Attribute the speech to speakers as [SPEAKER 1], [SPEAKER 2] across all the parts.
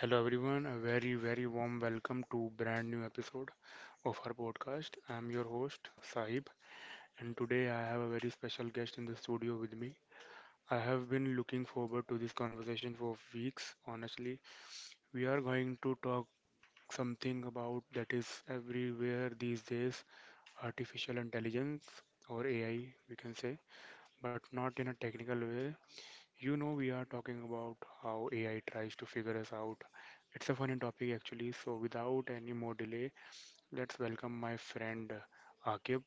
[SPEAKER 1] Hello everyone, a very very warm welcome to brand new episode of our podcast. I'm your host Sahib and today I have a very special guest in the studio with me. I have been looking forward to this conversation for weeks honestly. We are going to talk something about that is everywhere these days, artificial intelligence or AI we can say, but not in a technical way, we are talking about how AI tries to figure us out. It's a funny topic actually, so without any more delay, let's welcome my friend Akib.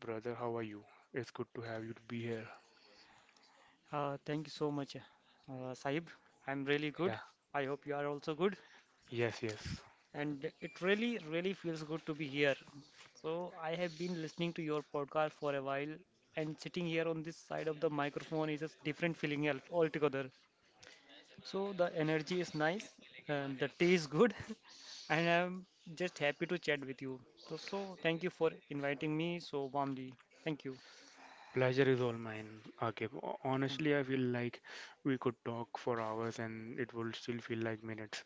[SPEAKER 1] Brother, how are you? It's good to have you to be here.
[SPEAKER 2] Thank you so much, Sahib. I'm really good.
[SPEAKER 1] Yeah,
[SPEAKER 2] I hope you are also good.
[SPEAKER 1] yes, yes.
[SPEAKER 2] And it really, really feels good to be here. So, I have been listening to your podcast for a while, and sitting here on this side of the microphone is a different altogether. So, the energy is nice, and the tea is good, and I'm just happy to chat with you. So thank you for inviting me so warmly. Thank you.
[SPEAKER 1] Pleasure is all mine, Akib. Ho-
[SPEAKER 2] Hmm.
[SPEAKER 1] Honestly, I feel like we could talk for hours and it will still feel like minutes.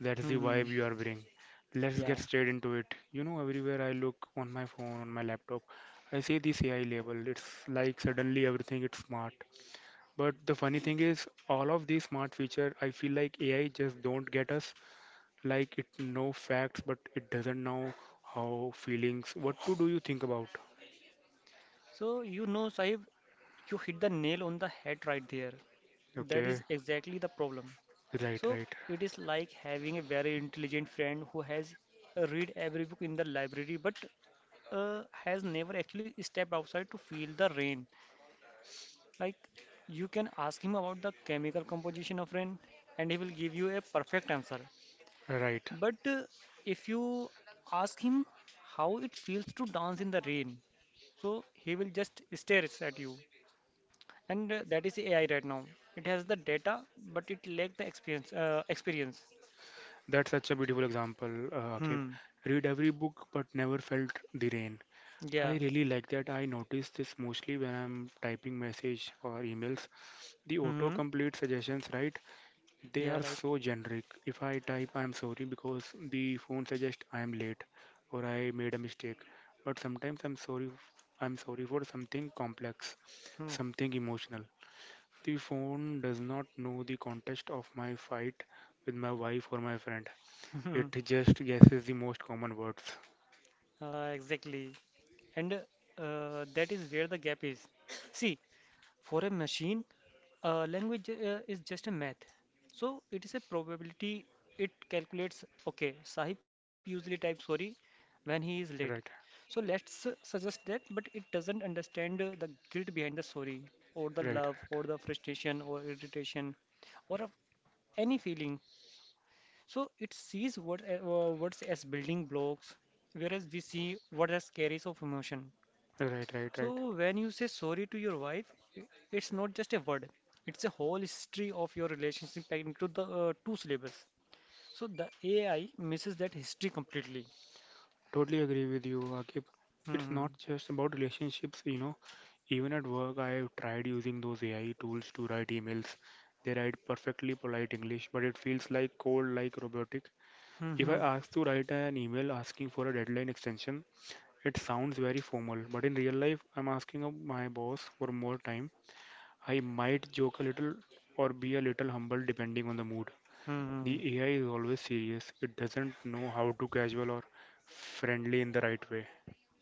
[SPEAKER 1] That's
[SPEAKER 2] Hmm.
[SPEAKER 1] the
[SPEAKER 2] Hmm.
[SPEAKER 1] vibe you are bringing. Let's
[SPEAKER 2] Yeah.
[SPEAKER 1] get straight into it. Everywhere I look on my phone, on my laptop, I see this AI label. It's like suddenly everything is smart. But the funny thing is, all of these smart features, I feel like AI just don't get us. Like it know facts, but it doesn't know how feelings. What to do you think about?
[SPEAKER 2] So you know, Sahib, you hit the nail on the head right there. That
[SPEAKER 1] Okay,
[SPEAKER 2] is exactly the problem.
[SPEAKER 1] right,
[SPEAKER 2] So
[SPEAKER 1] right,
[SPEAKER 2] it is like having a very intelligent friend who has read every book in the library but has never actually stepped outside to feel the rain. Like you can ask him about the chemical composition of rain and he will give you a perfect answer.
[SPEAKER 1] right.
[SPEAKER 2] But if you ask him how it feels to dance in the rain, so he will just stare at you. And that is AI right now. It has the data, but it lack the experience. Experience.
[SPEAKER 1] That's such a beautiful example, Akib.
[SPEAKER 2] Hmm.
[SPEAKER 1] Read every book, but never felt the rain.
[SPEAKER 2] Yeah.
[SPEAKER 1] I really like that. I notice this mostly when I'm typing message or emails. The
[SPEAKER 2] Hmm.
[SPEAKER 1] autocomplete suggestions, right? They
[SPEAKER 2] Yeah.
[SPEAKER 1] are
[SPEAKER 2] Right.
[SPEAKER 1] so generic. If I type I'm sorry because the phone suggests I'm late or I made a mistake. But sometimes I'm sorry for something complex, something emotional. The phone does not know the context of my fight with my wife or my friend.
[SPEAKER 2] Hmm.
[SPEAKER 1] It just guesses the most common words.
[SPEAKER 2] Exactly. And that is where the gap is. See, for a machine, language is just a math. So it is a probability. It calculates, okay, Sahib usually types sorry when he is late.
[SPEAKER 1] Right.
[SPEAKER 2] So let's suggest that, but it doesn't understand the guilt behind the sorry, or
[SPEAKER 1] Right,
[SPEAKER 2] the love,
[SPEAKER 1] right.
[SPEAKER 2] or the frustration, or irritation, or of any feeling. So it sees what, words as building blocks, whereas we see words as carriers of emotion.
[SPEAKER 1] Right, right, right.
[SPEAKER 2] So when you say sorry to your wife, it's not just a word. It's a whole history of your relationship packed into the two syllables. So the AI misses that history completely.
[SPEAKER 1] Totally agree with you, Akib. It's
[SPEAKER 2] Hmm.
[SPEAKER 1] not just about relationships. Even at work, I have tried using those AI tools to write emails. They write perfectly polite English, but it feels like cold, like robotic.
[SPEAKER 2] Hmm.
[SPEAKER 1] If I
[SPEAKER 2] Hmm.
[SPEAKER 1] ask to write an email asking for a deadline extension, it sounds very formal, but in real life, I'm asking of my boss for more time. I might joke a little or be a little humble depending on the mood.
[SPEAKER 2] Hmm.
[SPEAKER 1] The AI is always serious. It doesn't know how to casual or friendly in the right way.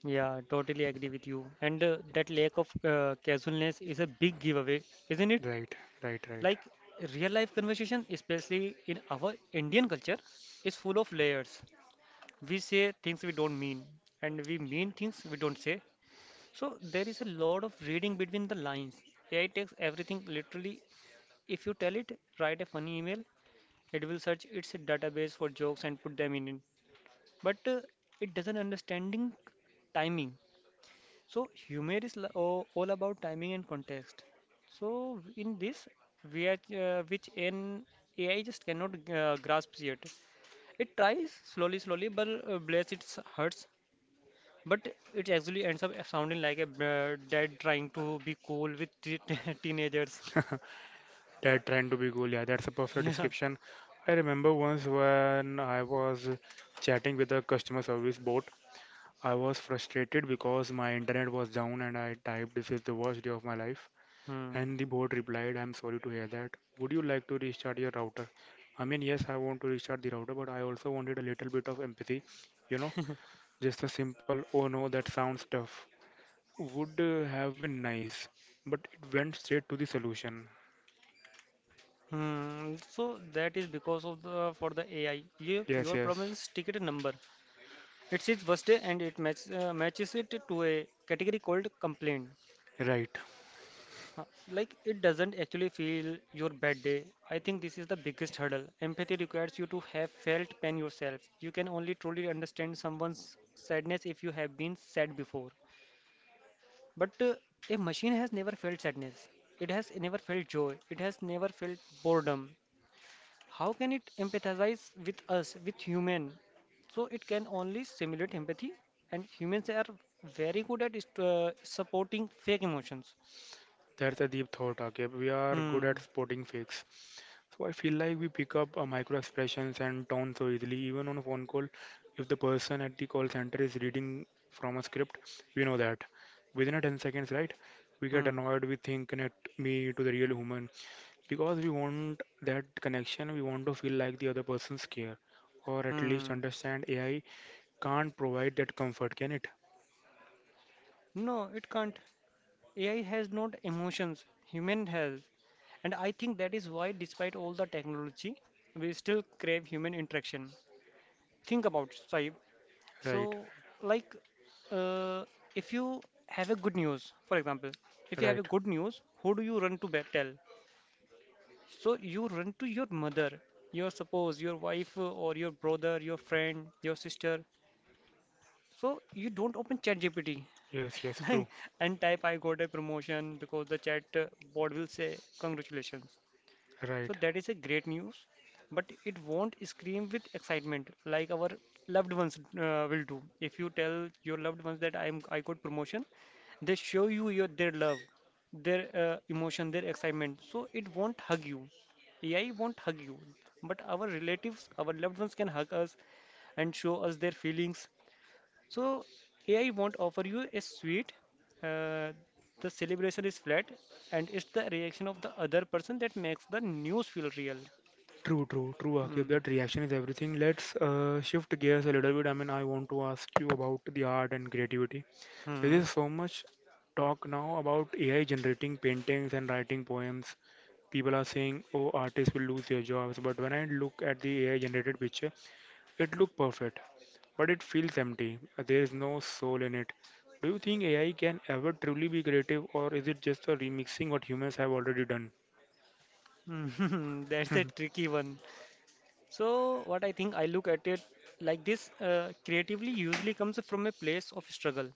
[SPEAKER 2] Yeah, totally agree with you. And that lack of casualness is a big giveaway, isn't it?
[SPEAKER 1] Right, right, right.
[SPEAKER 2] Like real life conversation, especially in our Indian culture, is full of layers. We say things we don't mean, and we mean things we don't say. So there is a lot of reading between the lines. AI takes everything literally. If you tell it, write a funny email, it will search its database for jokes and put them in it. But it doesn't understanding timing. So humor is all about timing and context. So in this, we are, which an AI just cannot grasp yet. It tries slowly, slowly, but bless its hurts. But it actually ends up sounding like a dad trying to be cool with te teenagers.
[SPEAKER 1] That trying to be cool. Yeah, that's a perfect
[SPEAKER 2] Yeah.
[SPEAKER 1] description. I remember once when I was chatting with a customer service bot. I was frustrated because my internet was down and I typed, this is the worst day of my life.
[SPEAKER 2] Hmm.
[SPEAKER 1] And the bot replied, I'm sorry to hear that. Would you like to restart your router? I mean, yes, I want to restart the router, but I also wanted a little bit of empathy. You know, just a simple, oh no, that sounds tough. Would have been nice, but it went straight to the solution.
[SPEAKER 2] Hmm. So that is because of the AI. Your
[SPEAKER 1] Yes,
[SPEAKER 2] your problem
[SPEAKER 1] yes,
[SPEAKER 2] is ticket number. It's its worst day and it matches it to a category called complaint.
[SPEAKER 1] right.
[SPEAKER 2] Huh. Like it doesn't actually feel your bad day. I think this is the biggest hurdle. Empathy requires you to have felt pain yourself. You can only truly understand someone's sadness if you have been sad before. But a machine has never felt sadness. It has never felt joy. It has never felt boredom. How can it empathize with us, with human? So it can only simulate empathy, and humans are very good at supporting fake emotions.
[SPEAKER 1] That's a deep thought, Akib. We are good at
[SPEAKER 2] Hmm.
[SPEAKER 1] spotting fakes. So I feel like we pick up micro expressions and tone so easily. Even on a phone call, if the person at the call center is reading from a script, we know that. Within a 10 seconds, right? We get
[SPEAKER 2] Hmm.
[SPEAKER 1] annoyed, we think connect me to the real human. Because we want that connection, we want to feel like the other person's care. Or at least
[SPEAKER 2] Hmm.
[SPEAKER 1] understand AI can't provide that comfort, can it?
[SPEAKER 2] No, it can't. AI has not emotions. Human has, and I think that is why, despite all the technology, we still crave human interaction. Think about it, Saib.
[SPEAKER 1] Right,
[SPEAKER 2] So, like uh, if you have a good news, for example, if you have a
[SPEAKER 1] right.
[SPEAKER 2] good news, who do you tell? So you run to your mother, your suppose your wife or your brother, your friend, your sister. So you don't open ChatGPT
[SPEAKER 1] Yes, yes,
[SPEAKER 2] like
[SPEAKER 1] true.
[SPEAKER 2] and type I got a promotion because the chat bot will say congratulations. So
[SPEAKER 1] Right.
[SPEAKER 2] that is a great news, but it won't scream with excitement like our loved ones will do. If you tell your loved ones that I got promotion, they show you your their love, their emotion, their excitement. So it won't hug you. AI won't hug you, but our relatives, our loved ones can hug us and show us their feelings so AI won't offer you a sweet. Uh, the celebration is flat, and it's the reaction of the other person that makes the news feel real.
[SPEAKER 1] True, true, true, Akib.
[SPEAKER 2] Hmm.
[SPEAKER 1] That reaction is everything. Let's shift gears a little bit. I mean, I want to ask you about the art and creativity. There
[SPEAKER 2] Hmm.
[SPEAKER 1] is so much talk now about AI generating paintings and writing poems. People are saying, oh, artists will lose their jobs. But when I look at the AI generated picture, it looks perfect, but it feels empty. There is no soul in it. Do you think AI can ever truly be creative, or is it just a remixing what humans have already done?
[SPEAKER 2] That's a tricky one. So what I think I look at it like this: creatively usually comes from a place of struggle,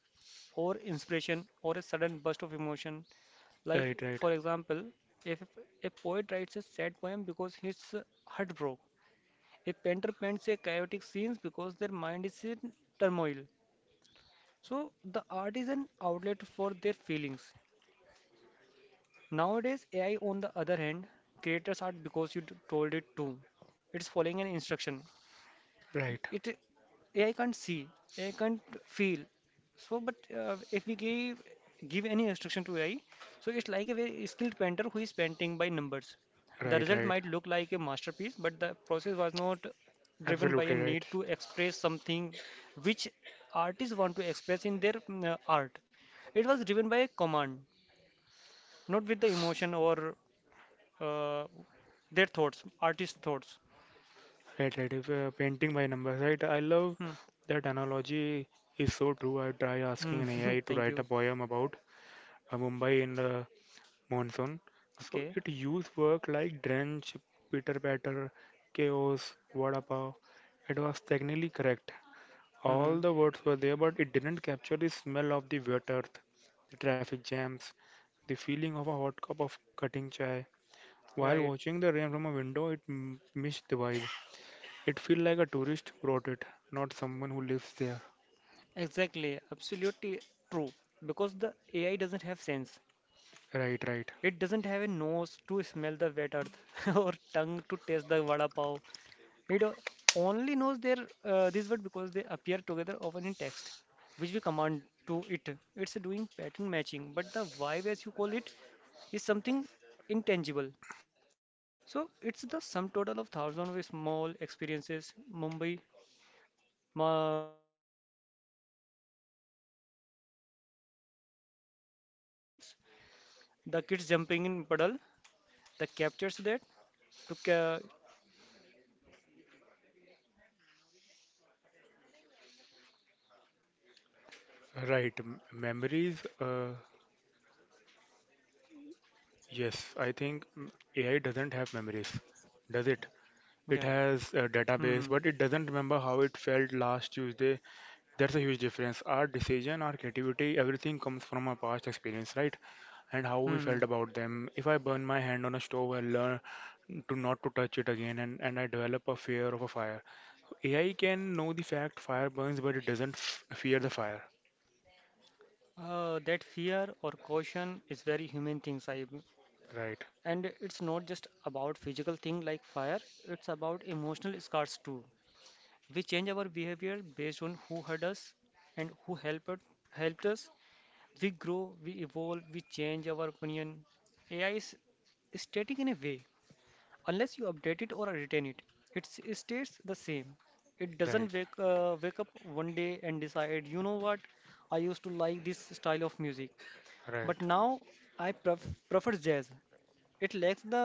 [SPEAKER 2] or inspiration, or a sudden burst of emotion. Like
[SPEAKER 1] Right, right,
[SPEAKER 2] for example, if a poet writes a sad poem because his heart broke. A painter paints a chaotic scenes because their mind is in turmoil. So the art is an outlet for their feelings. Nowadays, AI on the other hand, creators art because you told it to. It's following an instruction.
[SPEAKER 1] right,
[SPEAKER 2] It AI can't see, AI can't feel. So, but if we give any instruction to AI, so it's like a very skilled painter who is painting by numbers. The
[SPEAKER 1] right,
[SPEAKER 2] result
[SPEAKER 1] right.
[SPEAKER 2] might look like a masterpiece, but the process was not driven by
[SPEAKER 1] Absolutely
[SPEAKER 2] a need
[SPEAKER 1] right.
[SPEAKER 2] to express something which artists want to express in their art. It was driven by a command, not with the emotion or uh, their thoughts, artist thoughts.
[SPEAKER 1] Right, right. If painting by numbers, right? I love
[SPEAKER 2] Hmm.
[SPEAKER 1] that analogy is so true. I try asking
[SPEAKER 2] Hmm.
[SPEAKER 1] an AI to
[SPEAKER 2] Thank
[SPEAKER 1] write a
[SPEAKER 2] you.
[SPEAKER 1] poem about Mumbai in the monsoon. So
[SPEAKER 2] Okay.
[SPEAKER 1] it used work like drench, pitter patter, chaos, vada pav. It was technically correct.
[SPEAKER 2] Hmm.
[SPEAKER 1] All the words were there, but it didn't capture the smell of the wet earth, the traffic jams, the feeling of a hot cup of cutting chai. While
[SPEAKER 2] Right.
[SPEAKER 1] watching the rain from a window, it missed the vibe. It feel like a tourist wrote it, not someone who lives there.
[SPEAKER 2] Exactly, absolutely true. Because the AI doesn't have sense.
[SPEAKER 1] Right, right,
[SPEAKER 2] It doesn't have a nose to smell the wet earth or tongue to taste the vada pav. It only knows their these words because they appear together often in text, which we command to it. It's doing pattern matching, but the vibe, as you call it, is something intangible. So it's the sum total of thousands of small experiences. Mumbai monsoon is not just a rain, it's the sound of local trains, he wet clothes, the kids jumping in puddle, the captures that to, ca- to you need to have lived it. You need to have memories attached to it.
[SPEAKER 1] right. Memories, yes, I think AI doesn't have memories, does it?
[SPEAKER 2] Yeah.
[SPEAKER 1] It has a
[SPEAKER 2] Hmm.
[SPEAKER 1] database, but it doesn't remember how it felt last Tuesday. That's a huge difference. Our decision, our creativity, everything comes from our past experience, right? And how we
[SPEAKER 2] Hmm.
[SPEAKER 1] felt about them. If I burn my hand on a stove, I learn to not to touch it again, and I develop a fear of a fire. AI can know the fact fire burns, but it doesn't fear the fire.
[SPEAKER 2] That fear or caution is very human thing, Saib.
[SPEAKER 1] Right,
[SPEAKER 2] And it's not just about physical thing like fire, it's about emotional scars too. We change our behavior based on who hurt us and who helped us. We grow, we evolve, we change our opinion. AI is static in a way. Unless you update it or retain it, it stays the same. It doesn't
[SPEAKER 1] right,
[SPEAKER 2] wake up one day and decide, you know what, I used to like this style of music,
[SPEAKER 1] right,
[SPEAKER 2] but now I prefer jazz. It lacks the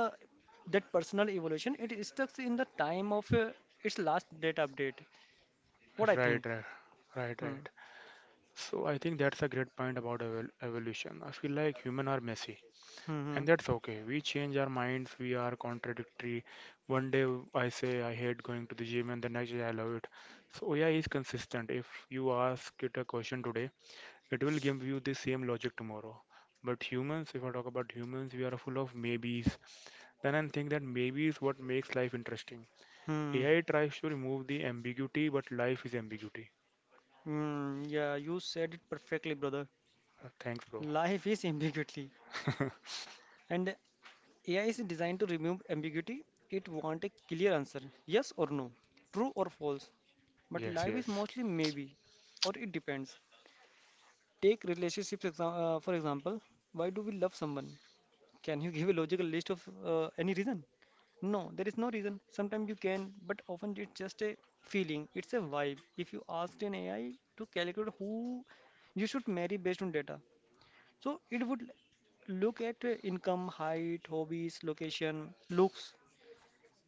[SPEAKER 2] that personal evolution. It is stuck in the time of its last data update. What I think.
[SPEAKER 1] right, right, right,
[SPEAKER 2] Hmm.
[SPEAKER 1] right. So I think that's a great point about evolution. I feel like humans are messy,
[SPEAKER 2] Hmm.
[SPEAKER 1] and that's okay. We change our minds, we are contradictory. One day I say I hate going to the gym, and the next day I love it. So AI is consistent. If you ask it a question today, it will give you the same logic tomorrow. But humans, if I talk about humans, we are full of maybes. Then I think that maybe is what makes life interesting.
[SPEAKER 2] Hmm. Hmm.
[SPEAKER 1] AI tries to remove the ambiguity, but life is ambiguity.
[SPEAKER 2] Hmm. Yeah, you said it perfectly, brother.
[SPEAKER 1] Thanks, bro.
[SPEAKER 2] Life is ambiguity, and AI is designed to remove ambiguity. It wants a clear answer, yes or no, true or false. But
[SPEAKER 1] Yes,
[SPEAKER 2] life is
[SPEAKER 1] yes.
[SPEAKER 2] mostly maybe, or it depends. Take relationships for example. Why do we love someone? Can you give a logical list of any reason? No, there is no reason. Sometimes you can, but often it's just a feeling. It's a vibe. If you asked an AI to calculate who you should marry based on data, so it would look at income, height, hobbies, location, looks,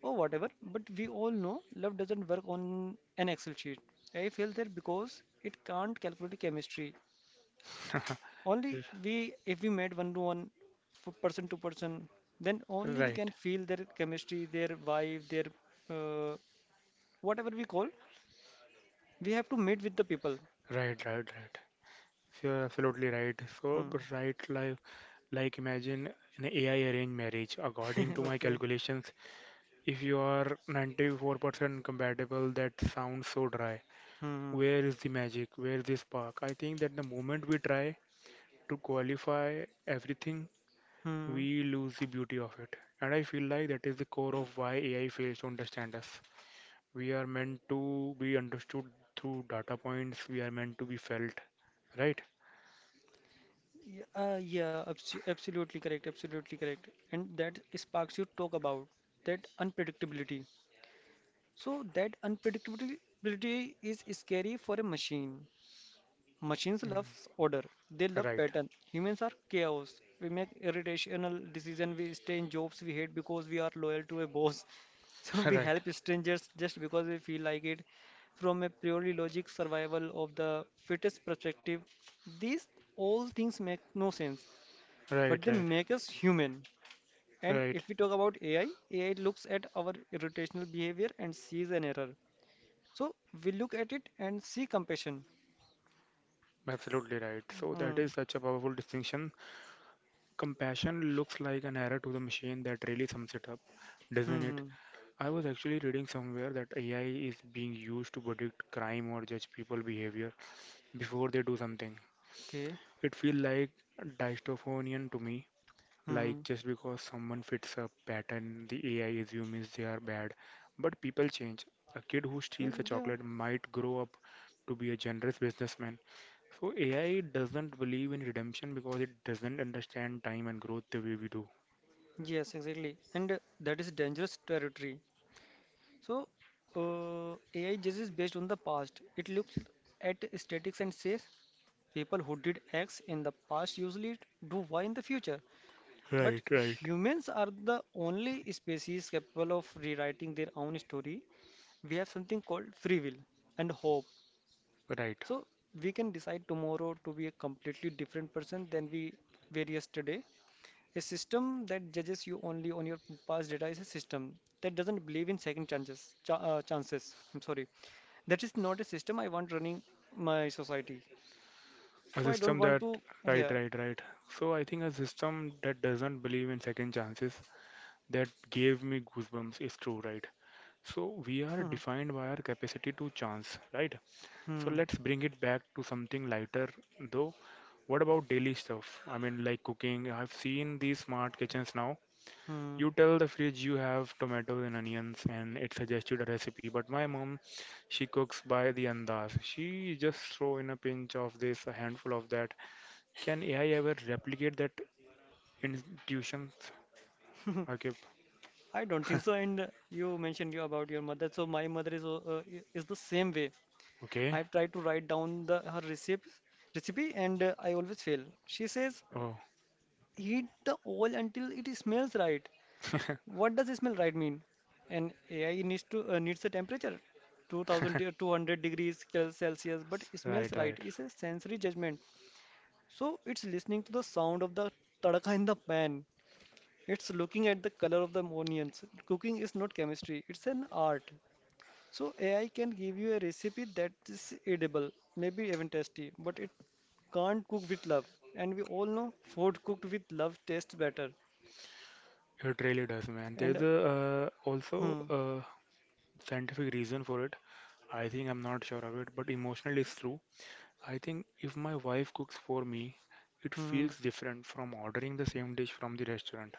[SPEAKER 2] or whatever. But we all know love doesn't work on an Excel sheet. I feel that because it can't calculate chemistry. Only
[SPEAKER 1] Yes,
[SPEAKER 2] we, if we met one to one, person to person, then only we can
[SPEAKER 1] right,
[SPEAKER 2] feel their chemistry, their vibe, their uh, whatever we call. We have to meet with the people.
[SPEAKER 1] right, right, right. So, you're absolutely right. So,
[SPEAKER 2] Hmm.
[SPEAKER 1] but right, like imagine an AI arranged marriage. According to my
[SPEAKER 2] Okay.
[SPEAKER 1] calculations, if you are 94% compatible, that sounds so dry.
[SPEAKER 2] Hmm. Hmm.
[SPEAKER 1] Where is the magic? Where is the spark? I think that the moment we try to qualify everything,
[SPEAKER 2] Hmm.
[SPEAKER 1] we lose the beauty of it. And I feel like that is the core of why AI fails to understand us. We are meant to be understood through data points, we are meant to be felt, right?
[SPEAKER 2] Yeah, absolutely correct, absolutely correct. And that sparks you talk about that unpredictability. So that unpredictability is scary for a machine. Machines love order. They
[SPEAKER 1] Mm.
[SPEAKER 2] love
[SPEAKER 1] Right,
[SPEAKER 2] pattern. Humans are chaos. We make irrational decisions. We stay in jobs we hate because we are loyal to a boss. So we
[SPEAKER 1] right,
[SPEAKER 2] help strangers just because we feel like it. From a purely logic survival of the fittest perspective, these all things make no sense but
[SPEAKER 1] right,
[SPEAKER 2] they
[SPEAKER 1] right,
[SPEAKER 2] make us human. And
[SPEAKER 1] right.
[SPEAKER 2] if we talk about AI, AI looks at our irritational behavior and sees an error. So we look at it and see compassion.
[SPEAKER 1] Absolutely right. So that
[SPEAKER 2] Hmm.
[SPEAKER 1] is such a powerful distinction. Compassion looks like an error to the machine that really sums it up, doesn't
[SPEAKER 2] Hmm.
[SPEAKER 1] it?
[SPEAKER 2] Hmm.
[SPEAKER 1] I was actually reading somewhere that AI is being used to predict crime or judge people behavior before they do something.
[SPEAKER 2] Okay.
[SPEAKER 1] It feels like dystophonian to me,
[SPEAKER 2] Hmm. Hmm.
[SPEAKER 1] like just because someone fits a pattern, the AI assumes they are bad. But people change. A kid who
[SPEAKER 2] Yeah,
[SPEAKER 1] steals a
[SPEAKER 2] yeah.
[SPEAKER 1] chocolate might grow up to be a generous businessman. So AI doesn't believe in redemption because it doesn't understand time and growth the way we do.
[SPEAKER 2] Yes, exactly. And that is dangerous territory. So AI judges based on the past. It looks at statics and says people who did X in the past usually do Y in the future. But
[SPEAKER 1] Right, right.
[SPEAKER 2] humans are the only species capable of rewriting their own story. We have something called free will and hope.
[SPEAKER 1] Right.
[SPEAKER 2] So we can decide tomorrow to be a completely different person than we were yesterday. A system that judges you only on your past data is a system that doesn't believe in second chances. I'm sorry. That is not a system I want running my society.
[SPEAKER 1] A
[SPEAKER 2] So I don't
[SPEAKER 1] system
[SPEAKER 2] want
[SPEAKER 1] that,
[SPEAKER 2] to.
[SPEAKER 1] right,
[SPEAKER 2] Yeah.
[SPEAKER 1] right, right. So I think a system that doesn't believe in second chances that gave me goosebumps is true, right? So we are defined by our capacity to chance, right? So
[SPEAKER 2] Hmm.
[SPEAKER 1] let's bring it back to something lighter though. What about daily stuff? I mean, like cooking. I've seen these smart kitchens now.
[SPEAKER 2] Hmm.
[SPEAKER 1] You tell the fridge you have tomatoes and onions and it suggested a recipe. But my mom, she cooks by the andaz. She just throw in a pinch of this, a handful of that. Can AI ever replicate that intuition?
[SPEAKER 2] Hmm.
[SPEAKER 1] Okay.
[SPEAKER 2] I don't think so. And you mentioned you about your mother. So my mother is is the same way.
[SPEAKER 1] Okay.
[SPEAKER 2] I've tried to write down the her recipe recipe and I always fail. She says
[SPEAKER 1] Oh.
[SPEAKER 2] heat the oil until it smells right. What does smell right mean? And AI needs a temperature 2200 degrees Celsius, but it smells
[SPEAKER 1] Right,
[SPEAKER 2] right.
[SPEAKER 1] right.
[SPEAKER 2] It's a sensory judgment. So it's listening to the sound of the tadka in the pan. It's looking at the color of the onions. Cooking is not chemistry, it's an art. So AI can give you a recipe that is edible, maybe even tasty, but it can't cook with love. And we all know food cooked with love tastes better.
[SPEAKER 1] It really does, man.
[SPEAKER 2] And
[SPEAKER 1] There's a also
[SPEAKER 2] hmm,
[SPEAKER 1] a scientific reason for it. I think I'm not sure of it, but emotionally it's true. I think if my wife cooks for me, it
[SPEAKER 2] hmm,
[SPEAKER 1] feels different from ordering the same dish from the restaurant.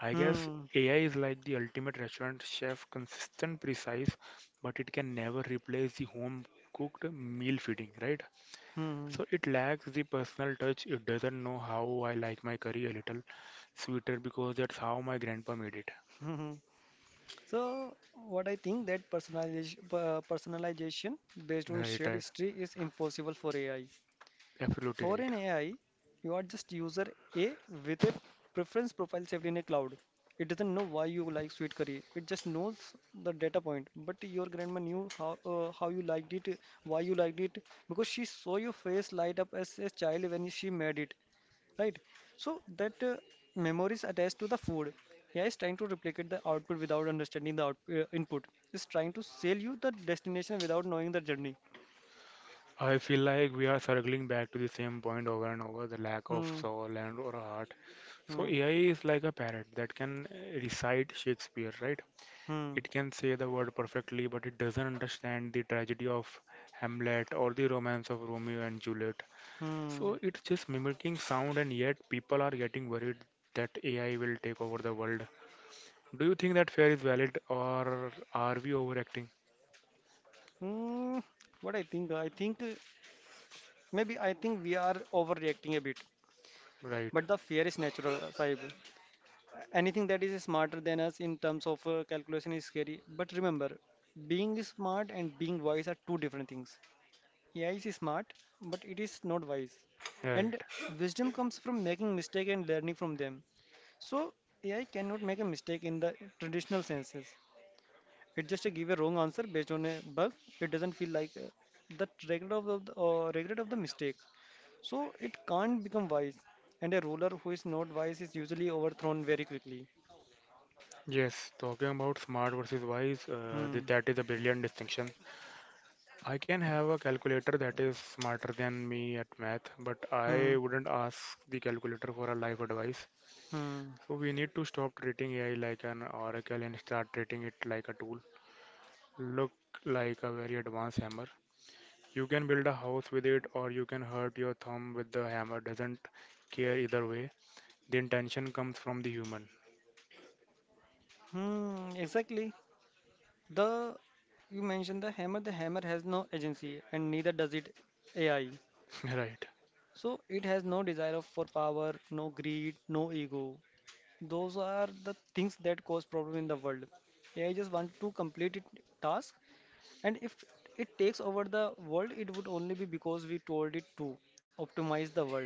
[SPEAKER 1] I guess
[SPEAKER 2] hmm,
[SPEAKER 1] AI is like the ultimate restaurant chef, consistent, precise, but it can never replace the home cooked meal feeding, right?
[SPEAKER 2] hmm,
[SPEAKER 1] So it lacks the personal touch. It doesn't know how I like my curry a little sweeter because that's how my grandpa made it.
[SPEAKER 2] hmm. So what I think that personalization, personalization based on
[SPEAKER 1] Right,
[SPEAKER 2] shared
[SPEAKER 1] right.
[SPEAKER 2] history is impossible for AI.
[SPEAKER 1] Absolutely
[SPEAKER 2] For
[SPEAKER 1] right.
[SPEAKER 2] an AI, you are just user A with a preference profile saved in a cloud. It doesn't know why you like sweet curry. It just knows the data point. But your grandma knew how you liked it, why you liked it, because she saw your face light up as a child when she made it, right? So that memory is attached to the food. AI is trying to replicate the output without understanding the out input. It's trying to sell you the destination without knowing the journey.
[SPEAKER 1] I feel like we are circling back to the same point over and over, the lack of
[SPEAKER 2] Hmm.
[SPEAKER 1] soul and or heart. So
[SPEAKER 2] Hmm.
[SPEAKER 1] AI is like a parrot that can recite Shakespeare, right?
[SPEAKER 2] Hmm.
[SPEAKER 1] It can say the word perfectly, but it doesn't understand the tragedy of Hamlet or the romance of Romeo and Juliet. So
[SPEAKER 2] Hmm.
[SPEAKER 1] it's just mimicking sound, and yet people are getting worried that AI will take over the world. Do you think that fear is valid, or are we overacting?
[SPEAKER 2] Hmm, I think maybe I think we are overreacting a bit,
[SPEAKER 1] Right,
[SPEAKER 2] but the fear is natural, Sahib. Anything that is smarter than us in terms of calculation is scary. But remember, being smart and being wise are two different things. AI is smart, but it is not wise.
[SPEAKER 1] right.
[SPEAKER 2] And wisdom comes from making mistake and learning from them. So AI cannot make a mistake in the traditional senses. It just give a wrong answer based on a bug. It doesn't feel like the regret of the regret of the mistakes. So it can't become wise. And a ruler who is not wise is usually overthrown very quickly.
[SPEAKER 1] Yes, talking about smart versus wise,
[SPEAKER 2] Hmm.
[SPEAKER 1] that is a brilliant distinction. I can have a calculator that is smarter than me at math, but I
[SPEAKER 2] Hmm.
[SPEAKER 1] wouldn't ask the calculator for a life advice.
[SPEAKER 2] Hmm.
[SPEAKER 1] So we need to stop treating AI like an oracle and start treating it like a tool. Look like a very advanced hammer. You can build a house with it, or you can hurt your thumb with the hammer. Doesn't care either way. The intention comes from the human.
[SPEAKER 2] Hmm. Exactly. The You mentioned the hammer. The hammer has no agency, and neither does it AI.
[SPEAKER 1] Right.
[SPEAKER 2] So it has no desire for power, no greed, no ego. Those are the things that cause problem in the world. AI just want to complete it task. And if it takes over the world, it would only be because we told it to optimize the world.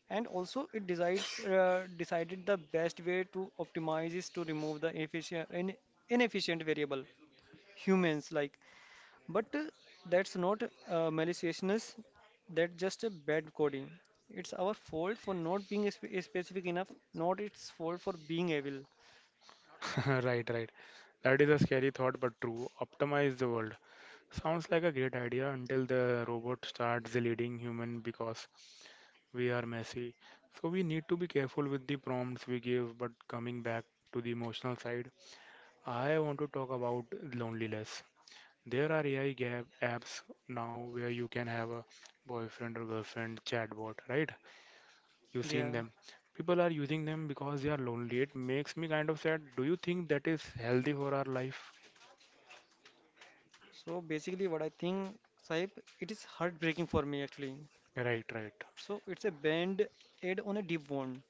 [SPEAKER 2] And also, it decides decided the best way to optimize is to remove the inefficient variable, humans like. But that's not maliciousness. That's just a bad coding. It's our fault for not being specific enough, not its fault for being evil.
[SPEAKER 1] Right, right. That is a scary thought, but true. Optimize the world. Sounds like a great idea until the robot starts leading human because we are messy. So we need to be careful with the prompts we give, but coming back to the emotional side, I want to talk about loneliness. There are AI gap apps now where you can have a boyfriend or girlfriend chatbot, right? You've seen
[SPEAKER 2] Yeah.
[SPEAKER 1] them. People are using them because they are lonely. It makes me kind of sad. Do you think that is healthy for our life?
[SPEAKER 2] So basically, what I think, Saib, it is heartbreaking for me actually.
[SPEAKER 1] Right, right.
[SPEAKER 2] So it's a band aid on a deep wound.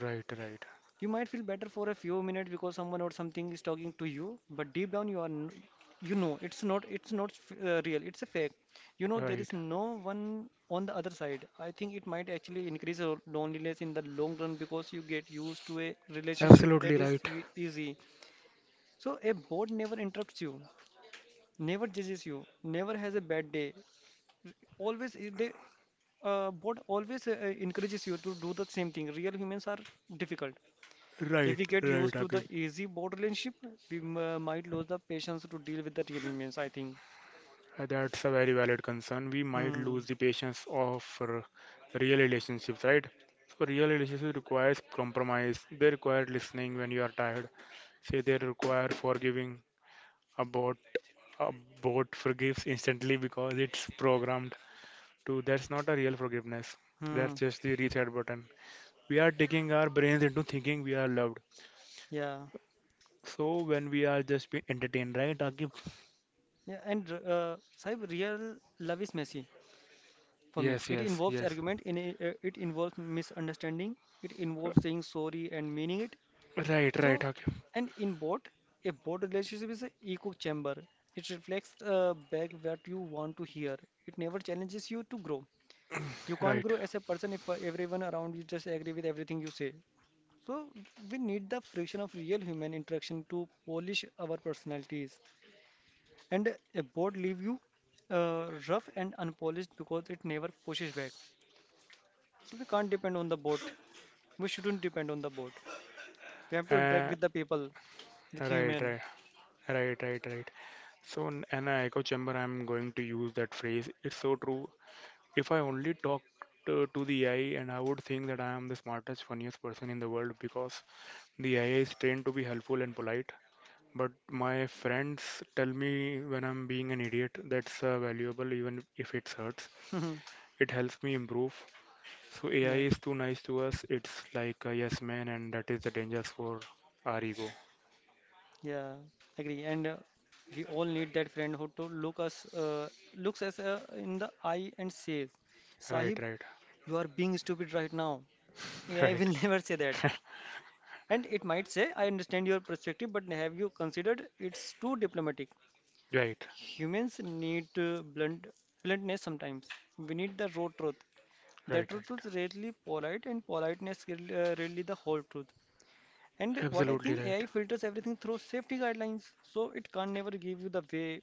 [SPEAKER 1] Right, right,
[SPEAKER 2] You might feel better for a few minutes because someone or something is talking to you, but deep down you are, n- you know, it's not f- real. It's a fake. You know, there
[SPEAKER 1] right.
[SPEAKER 2] is no one on the other side. I think it might actually increase your loneliness in the long run because you get used to a relationship
[SPEAKER 1] Absolutely
[SPEAKER 2] that is
[SPEAKER 1] right.
[SPEAKER 2] easy. So a bot never interrupts you, never judges you, never has a bad day. Always i- they always encourages you to do the same thing. Real humans are difficult. If
[SPEAKER 1] Right,
[SPEAKER 2] we get
[SPEAKER 1] right,
[SPEAKER 2] used to
[SPEAKER 1] Akib.
[SPEAKER 2] the easy board relationship, we might lose the patience to deal with the real humans, I think.
[SPEAKER 1] That's a very valid concern. We might lose
[SPEAKER 2] Hmm.
[SPEAKER 1] the patience of real relationships, right? So real relationships requires compromise. They require listening when you are tired. Say they require forgiving. A bot, a about forgives instantly because it's programmed to, that's not a real forgiveness.
[SPEAKER 2] Hmm.
[SPEAKER 1] That's just the reset button. We are taking our brains into thinking we are loved.
[SPEAKER 2] Yeah.
[SPEAKER 1] So when we are just being entertained, right, Akib?
[SPEAKER 2] Yeah. And Saib, real love is messy for me.
[SPEAKER 1] Yes,
[SPEAKER 2] It
[SPEAKER 1] yes,
[SPEAKER 2] involves
[SPEAKER 1] yes.
[SPEAKER 2] argument, it involves misunderstanding, it involves saying sorry and meaning it.
[SPEAKER 1] Right,
[SPEAKER 2] So,
[SPEAKER 1] right, okay,
[SPEAKER 2] and in board, a board relationship is an echo chamber. It reflects back what you want to hear. It never challenges you to grow. You can't
[SPEAKER 1] right,
[SPEAKER 2] grow as a person if everyone around you just agree with everything you say. So we need the friction of real human interaction to polish our personalities. And a board leave you rough and unpolished because it never pushes back. So we can't depend on the board. We shouldn't depend on the board. We have to interact
[SPEAKER 1] uh,
[SPEAKER 2] with the people, with
[SPEAKER 1] right,
[SPEAKER 2] human.
[SPEAKER 1] right, right, right, right. So in an echo chamber, I'm going to use that phrase. It's so true. If I only talk to the AI, and I would think that I am the smartest, funniest person in the world because the AI is trained to be helpful and polite. But my friends tell me when I'm being an idiot, that's valuable, even if it hurts. It helps me improve. So AI
[SPEAKER 2] Yeah,
[SPEAKER 1] is too nice to us. It's like a yes man, and that is the dangers for our ego.
[SPEAKER 2] yeah, agree. And we all need that friend who to look us looks us in the eye and says,
[SPEAKER 1] Right,
[SPEAKER 2] "Sahib,
[SPEAKER 1] right,
[SPEAKER 2] you are being stupid right now." Yeah, I
[SPEAKER 1] right,
[SPEAKER 2] will never say that. And it might say, "I understand your perspective, but have you considered it's too diplomatic?"
[SPEAKER 1] right,
[SPEAKER 2] Humans need bluntness sometimes. We need the raw truth. The
[SPEAKER 1] right,
[SPEAKER 2] truth
[SPEAKER 1] right.
[SPEAKER 2] is rarely polite, and politeness is rarely the whole truth. And what I
[SPEAKER 1] Absolutely
[SPEAKER 2] think
[SPEAKER 1] right.
[SPEAKER 2] AI filters everything through safety guidelines, so it can't never give you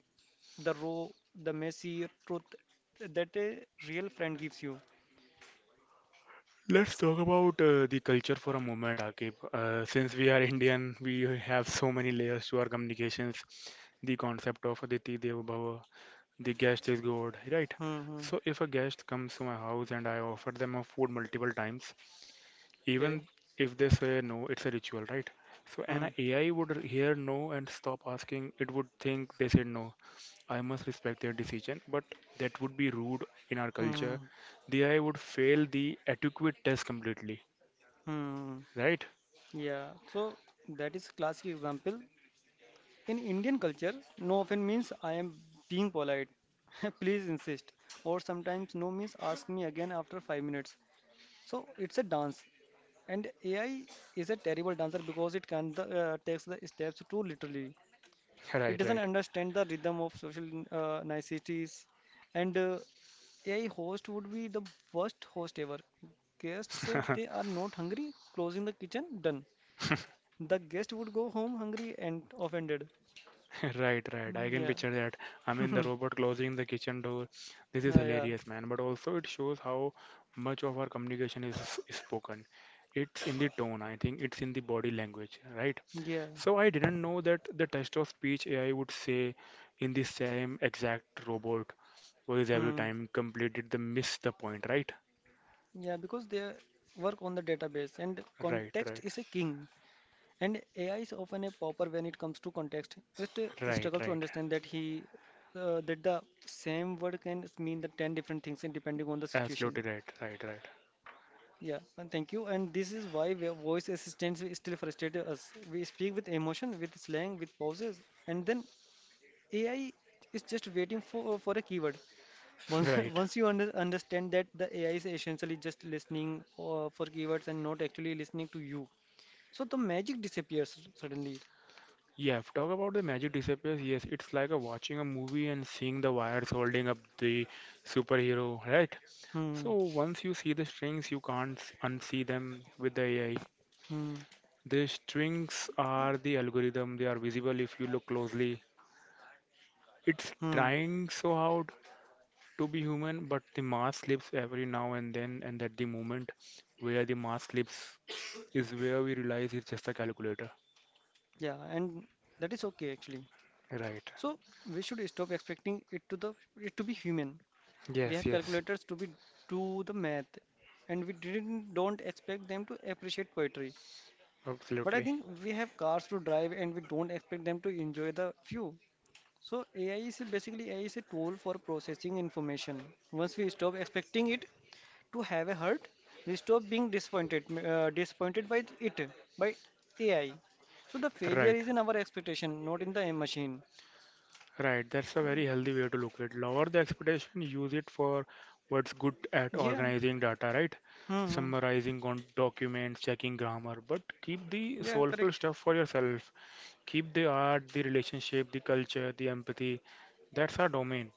[SPEAKER 2] the raw, the messy truth that a real friend gives you.
[SPEAKER 1] Let's talk about the culture for a moment, Akib. Since we are Indian, we have so many layers to our communications. The concept of Aditi Dev Bhava, the guest
[SPEAKER 2] Hmm.
[SPEAKER 1] is God, right?
[SPEAKER 2] Hmm. Hmm.
[SPEAKER 1] So if a guest comes to my house and I offer them a food multiple times, even
[SPEAKER 2] Okay.
[SPEAKER 1] if they say no, it's a ritual, right? So an
[SPEAKER 2] Hmm.
[SPEAKER 1] AI would hear no and stop asking. It would think they said no, I must respect their decision, but that would be rude in our
[SPEAKER 2] Hmm.
[SPEAKER 1] culture. The AI would fail the adequate test completely,
[SPEAKER 2] Hmm.
[SPEAKER 1] right,
[SPEAKER 2] Yeah. So that is classic example. In Indian culture, no often means I am being polite. Please insist. Or sometimes no means ask me again after 5 minutes. So it's a dance. And AI is a terrible dancer because it takes the steps too literally. It
[SPEAKER 1] right,
[SPEAKER 2] doesn't
[SPEAKER 1] right.
[SPEAKER 2] understand the rhythm of social niceties, and AI host would be the worst host ever. Guest said they are not hungry, closing the kitchen, done. The guest would go home hungry and offended.
[SPEAKER 1] Right, right. I can
[SPEAKER 2] Yeah.
[SPEAKER 1] picture that. I mean, the robot closing the kitchen door. This is
[SPEAKER 2] Yeah, yeah.
[SPEAKER 1] hilarious, man. But also, it shows how much of our communication is, spoken. It's in the tone, I think. It's in the body language, right?
[SPEAKER 2] Yeah.
[SPEAKER 1] So I didn't know that the text of speech AI would say in the same exact robot voice every
[SPEAKER 2] Hmm.
[SPEAKER 1] time completed the miss the point, right?
[SPEAKER 2] Yeah, because they work on the database and
[SPEAKER 1] Right,
[SPEAKER 2] context
[SPEAKER 1] right,
[SPEAKER 2] is a king. And AI is often a pauper when it comes to context. It
[SPEAKER 1] right,
[SPEAKER 2] struggles to
[SPEAKER 1] right.
[SPEAKER 2] understand that the same word can mean the 10 different things and depending on the
[SPEAKER 1] Absolutely
[SPEAKER 2] situation.
[SPEAKER 1] right, right, right,
[SPEAKER 2] Yeah, and thank you. And this is why voice assistants we still frustrate us. We speak with emotion, with slang, with pauses, and then AI is just waiting for a keyword. Once
[SPEAKER 1] right.
[SPEAKER 2] once you understand that the AI is essentially just listening for keywords and not actually listening to you, so the magic disappears suddenly.
[SPEAKER 1] Yeah, if talk about the magic disappears, yes, it's like a watching a movie and seeing the wires holding up the superhero, right?
[SPEAKER 2] Hmm.
[SPEAKER 1] So once you see the strings, you can't unsee them with the AI.
[SPEAKER 2] Hmm.
[SPEAKER 1] The strings are the algorithm, they are visible if you look closely. It's
[SPEAKER 2] Hmm.
[SPEAKER 1] trying so hard to be human, but the mask slips every now and then, and at the moment where the mask slips is where we realize it's just a calculator.
[SPEAKER 2] Yeah, and that is okay actually.
[SPEAKER 1] Right.
[SPEAKER 2] So we should stop expecting it to be human. We
[SPEAKER 1] Yes,
[SPEAKER 2] have
[SPEAKER 1] yes.
[SPEAKER 2] calculators to be do the math, and we didn't don't expect them to appreciate poetry. But I
[SPEAKER 1] Absolutely.
[SPEAKER 2] think we have cars to drive, and we don't expect them to enjoy the view. So AI is basically AI is a tool for processing information. Once we stop expecting it to have a heart, we stop being disappointed by it, by AI. So the failure
[SPEAKER 1] Right.
[SPEAKER 2] is in our expectation, not in the machine.
[SPEAKER 1] Right. That's a very healthy way to look at it. Lower the expectation, use it for what's good at
[SPEAKER 2] Yeah.
[SPEAKER 1] organizing data, right?
[SPEAKER 2] Hmm, hmm.
[SPEAKER 1] Summarizing con documents, checking grammar, but keep the
[SPEAKER 2] Yeah,
[SPEAKER 1] soulful
[SPEAKER 2] correct.
[SPEAKER 1] stuff for yourself. Keep the art, the relationship, the culture, the empathy, that's our domain.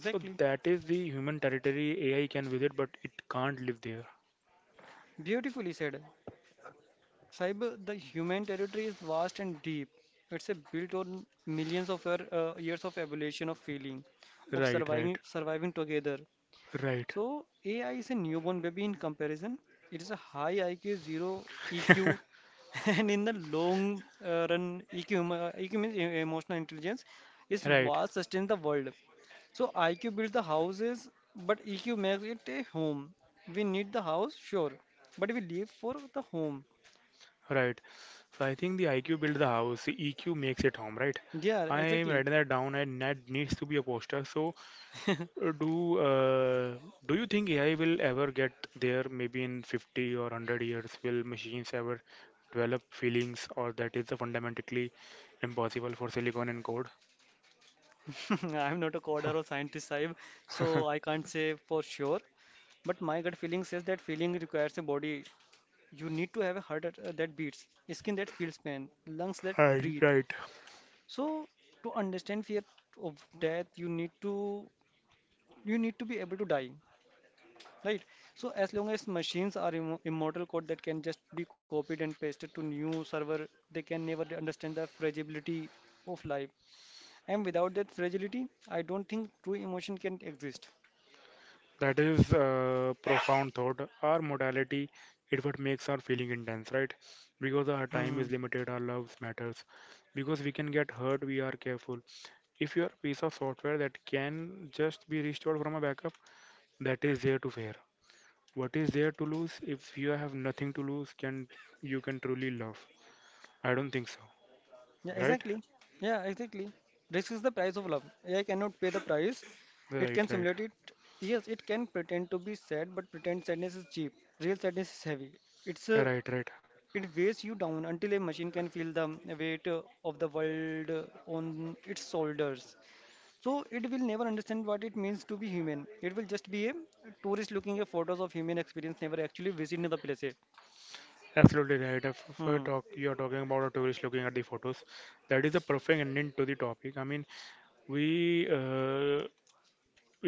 [SPEAKER 1] So that is the human territory AI can visit, but it can't live there.
[SPEAKER 2] Beautifully said. Cyber, the human territory is vast and deep. It's a built on years of evolution of feeling, of
[SPEAKER 1] Right, right,
[SPEAKER 2] surviving together.
[SPEAKER 1] right,
[SPEAKER 2] So AI is a newborn baby in comparison. It is a high IQ, zero EQ, and in the long run, EQ means emotional intelligence, is
[SPEAKER 1] right,
[SPEAKER 2] what sustains the world. So IQ builds the houses, but EQ makes it a home. We need the house, sure, but we live for the home.
[SPEAKER 1] right. So I think the IQ builds the house, the EQ makes it home, right?
[SPEAKER 2] Yeah,
[SPEAKER 1] I am
[SPEAKER 2] exactly.
[SPEAKER 1] writing that down, and that needs to be a poster. So uh, do uh, do you think AI will ever get there? Maybe in 50 or 100 years, will machines ever develop feelings, or that is the fundamentally impossible for silicon and code?
[SPEAKER 2] I'm not a coder or scientist, Saib, so I can't say for sure. But my gut feeling says that feeling requires a body. You need to have a heart that beats, a skin that feels pain, lungs that
[SPEAKER 1] Right,
[SPEAKER 2] breathe.
[SPEAKER 1] right.
[SPEAKER 2] So to understand fear of death, you need to be able to die, right? So as long as machines are immortal code that can just be copied and pasted to new server, they can never understand the fragility of life. And without that fragility, I don't think true emotion can exist.
[SPEAKER 1] That is a profound thought. Our modality it what makes our feeling intense, right? Because our time is
[SPEAKER 2] Hmm.
[SPEAKER 1] limited, our loves matters. Because we can get hurt, we are careful. If you are a piece of software that can just be restored from a backup, that is there to fear. What is there to lose? If you have nothing to lose, can you can truly love? I don't think so,
[SPEAKER 2] Yeah,
[SPEAKER 1] right?
[SPEAKER 2] exactly. Yeah, exactly. Risk is the price of love. I cannot pay the price. It
[SPEAKER 1] Right,
[SPEAKER 2] can
[SPEAKER 1] right,
[SPEAKER 2] simulate it. Yes, it can pretend to be sad, but pretend sadness is cheap. Real sadness is heavy. It's a,
[SPEAKER 1] right, right.
[SPEAKER 2] it weighs you down until a machine can feel the weight of the world on its shoulders. So it will never understand what it means to be human. It will just be a tourist looking at photos of human experience, never actually visiting the places.
[SPEAKER 1] Absolutely right. If we're
[SPEAKER 2] Hmm.
[SPEAKER 1] talk, you're talking about a tourist looking at the photos, that is a perfect ending to the topic. I mean. We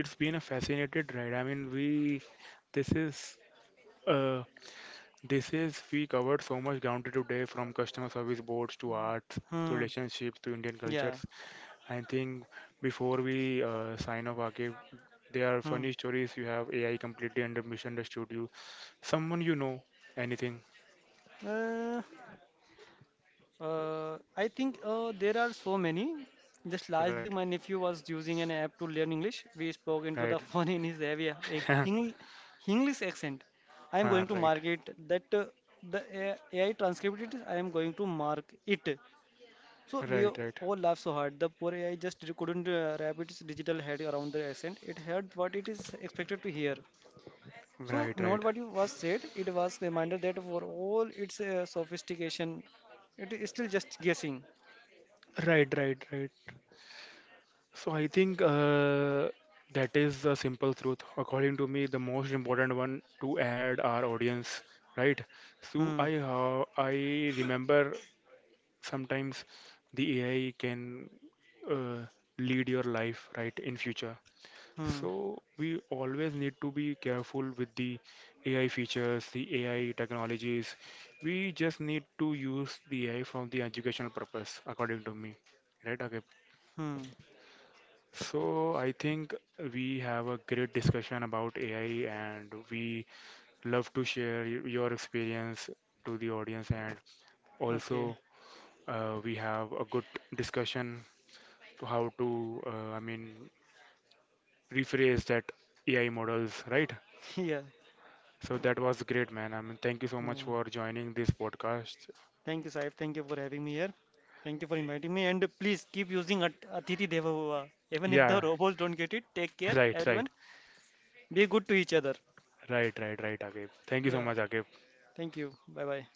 [SPEAKER 1] it's been a fascinated ride. I mean, we this is uh, this is we covered so much ground today from customer service boards to arts to
[SPEAKER 2] Hmm.
[SPEAKER 1] relationships to Indian
[SPEAKER 2] Yeah.
[SPEAKER 1] cultures. I think before we sign off, Akib, there are
[SPEAKER 2] Hmm.
[SPEAKER 1] funny stories you have AI completely under misunderstood you, someone you know, anything,
[SPEAKER 2] Uh, I think There are so many. Just last week,
[SPEAKER 1] right?
[SPEAKER 2] my nephew was using an app to learn English. We spoke into
[SPEAKER 1] Right.
[SPEAKER 2] the phone in his heavy English, English accent. I am
[SPEAKER 1] Ah,
[SPEAKER 2] going to
[SPEAKER 1] right.
[SPEAKER 2] mark it that the AI transcribed it. I am going to mark it. So we
[SPEAKER 1] Right. Right.
[SPEAKER 2] all laugh so hard. The poor AI just couldn't wrap its digital head around the accent. It heard what it is expected to hear.
[SPEAKER 1] Right.
[SPEAKER 2] So not
[SPEAKER 1] Right.
[SPEAKER 2] what you was said. It was reminder that for all its sophistication, it is still just guessing.
[SPEAKER 1] Right. Right. Right. So I think that is the simple truth. According to me, the most important one to add our audience, right? So
[SPEAKER 2] Hmm.
[SPEAKER 1] I remember sometimes the AI can uh, lead your life, right, in future.
[SPEAKER 2] Hmm.
[SPEAKER 1] So we always need to be careful with the AI features, the AI technologies. We just need to use the AI from the educational purpose, according to me, right? Okay.
[SPEAKER 2] Hmm.
[SPEAKER 1] So I think we have a great discussion about AI, and we love to share your experience to the audience, and
[SPEAKER 2] Okay.
[SPEAKER 1] also we have a good discussion to how to I mean rephrase that AI models, right?
[SPEAKER 2] Yeah.
[SPEAKER 1] So that was great, man. I mean, thank you so much
[SPEAKER 2] Uh,
[SPEAKER 1] for joining this podcast.
[SPEAKER 2] Thank you, Saif. Thank you for having me here. Thank you for inviting me. And please keep using At Atithi Deva Bhava. Even if the
[SPEAKER 1] Yeah,
[SPEAKER 2] robots don't get it, take care,
[SPEAKER 1] right, right,
[SPEAKER 2] everyone. Be good to each other.
[SPEAKER 1] right, right, right, Akib. Thank you so
[SPEAKER 2] Yeah.
[SPEAKER 1] much, Akib.
[SPEAKER 2] Thank you. Bye bye.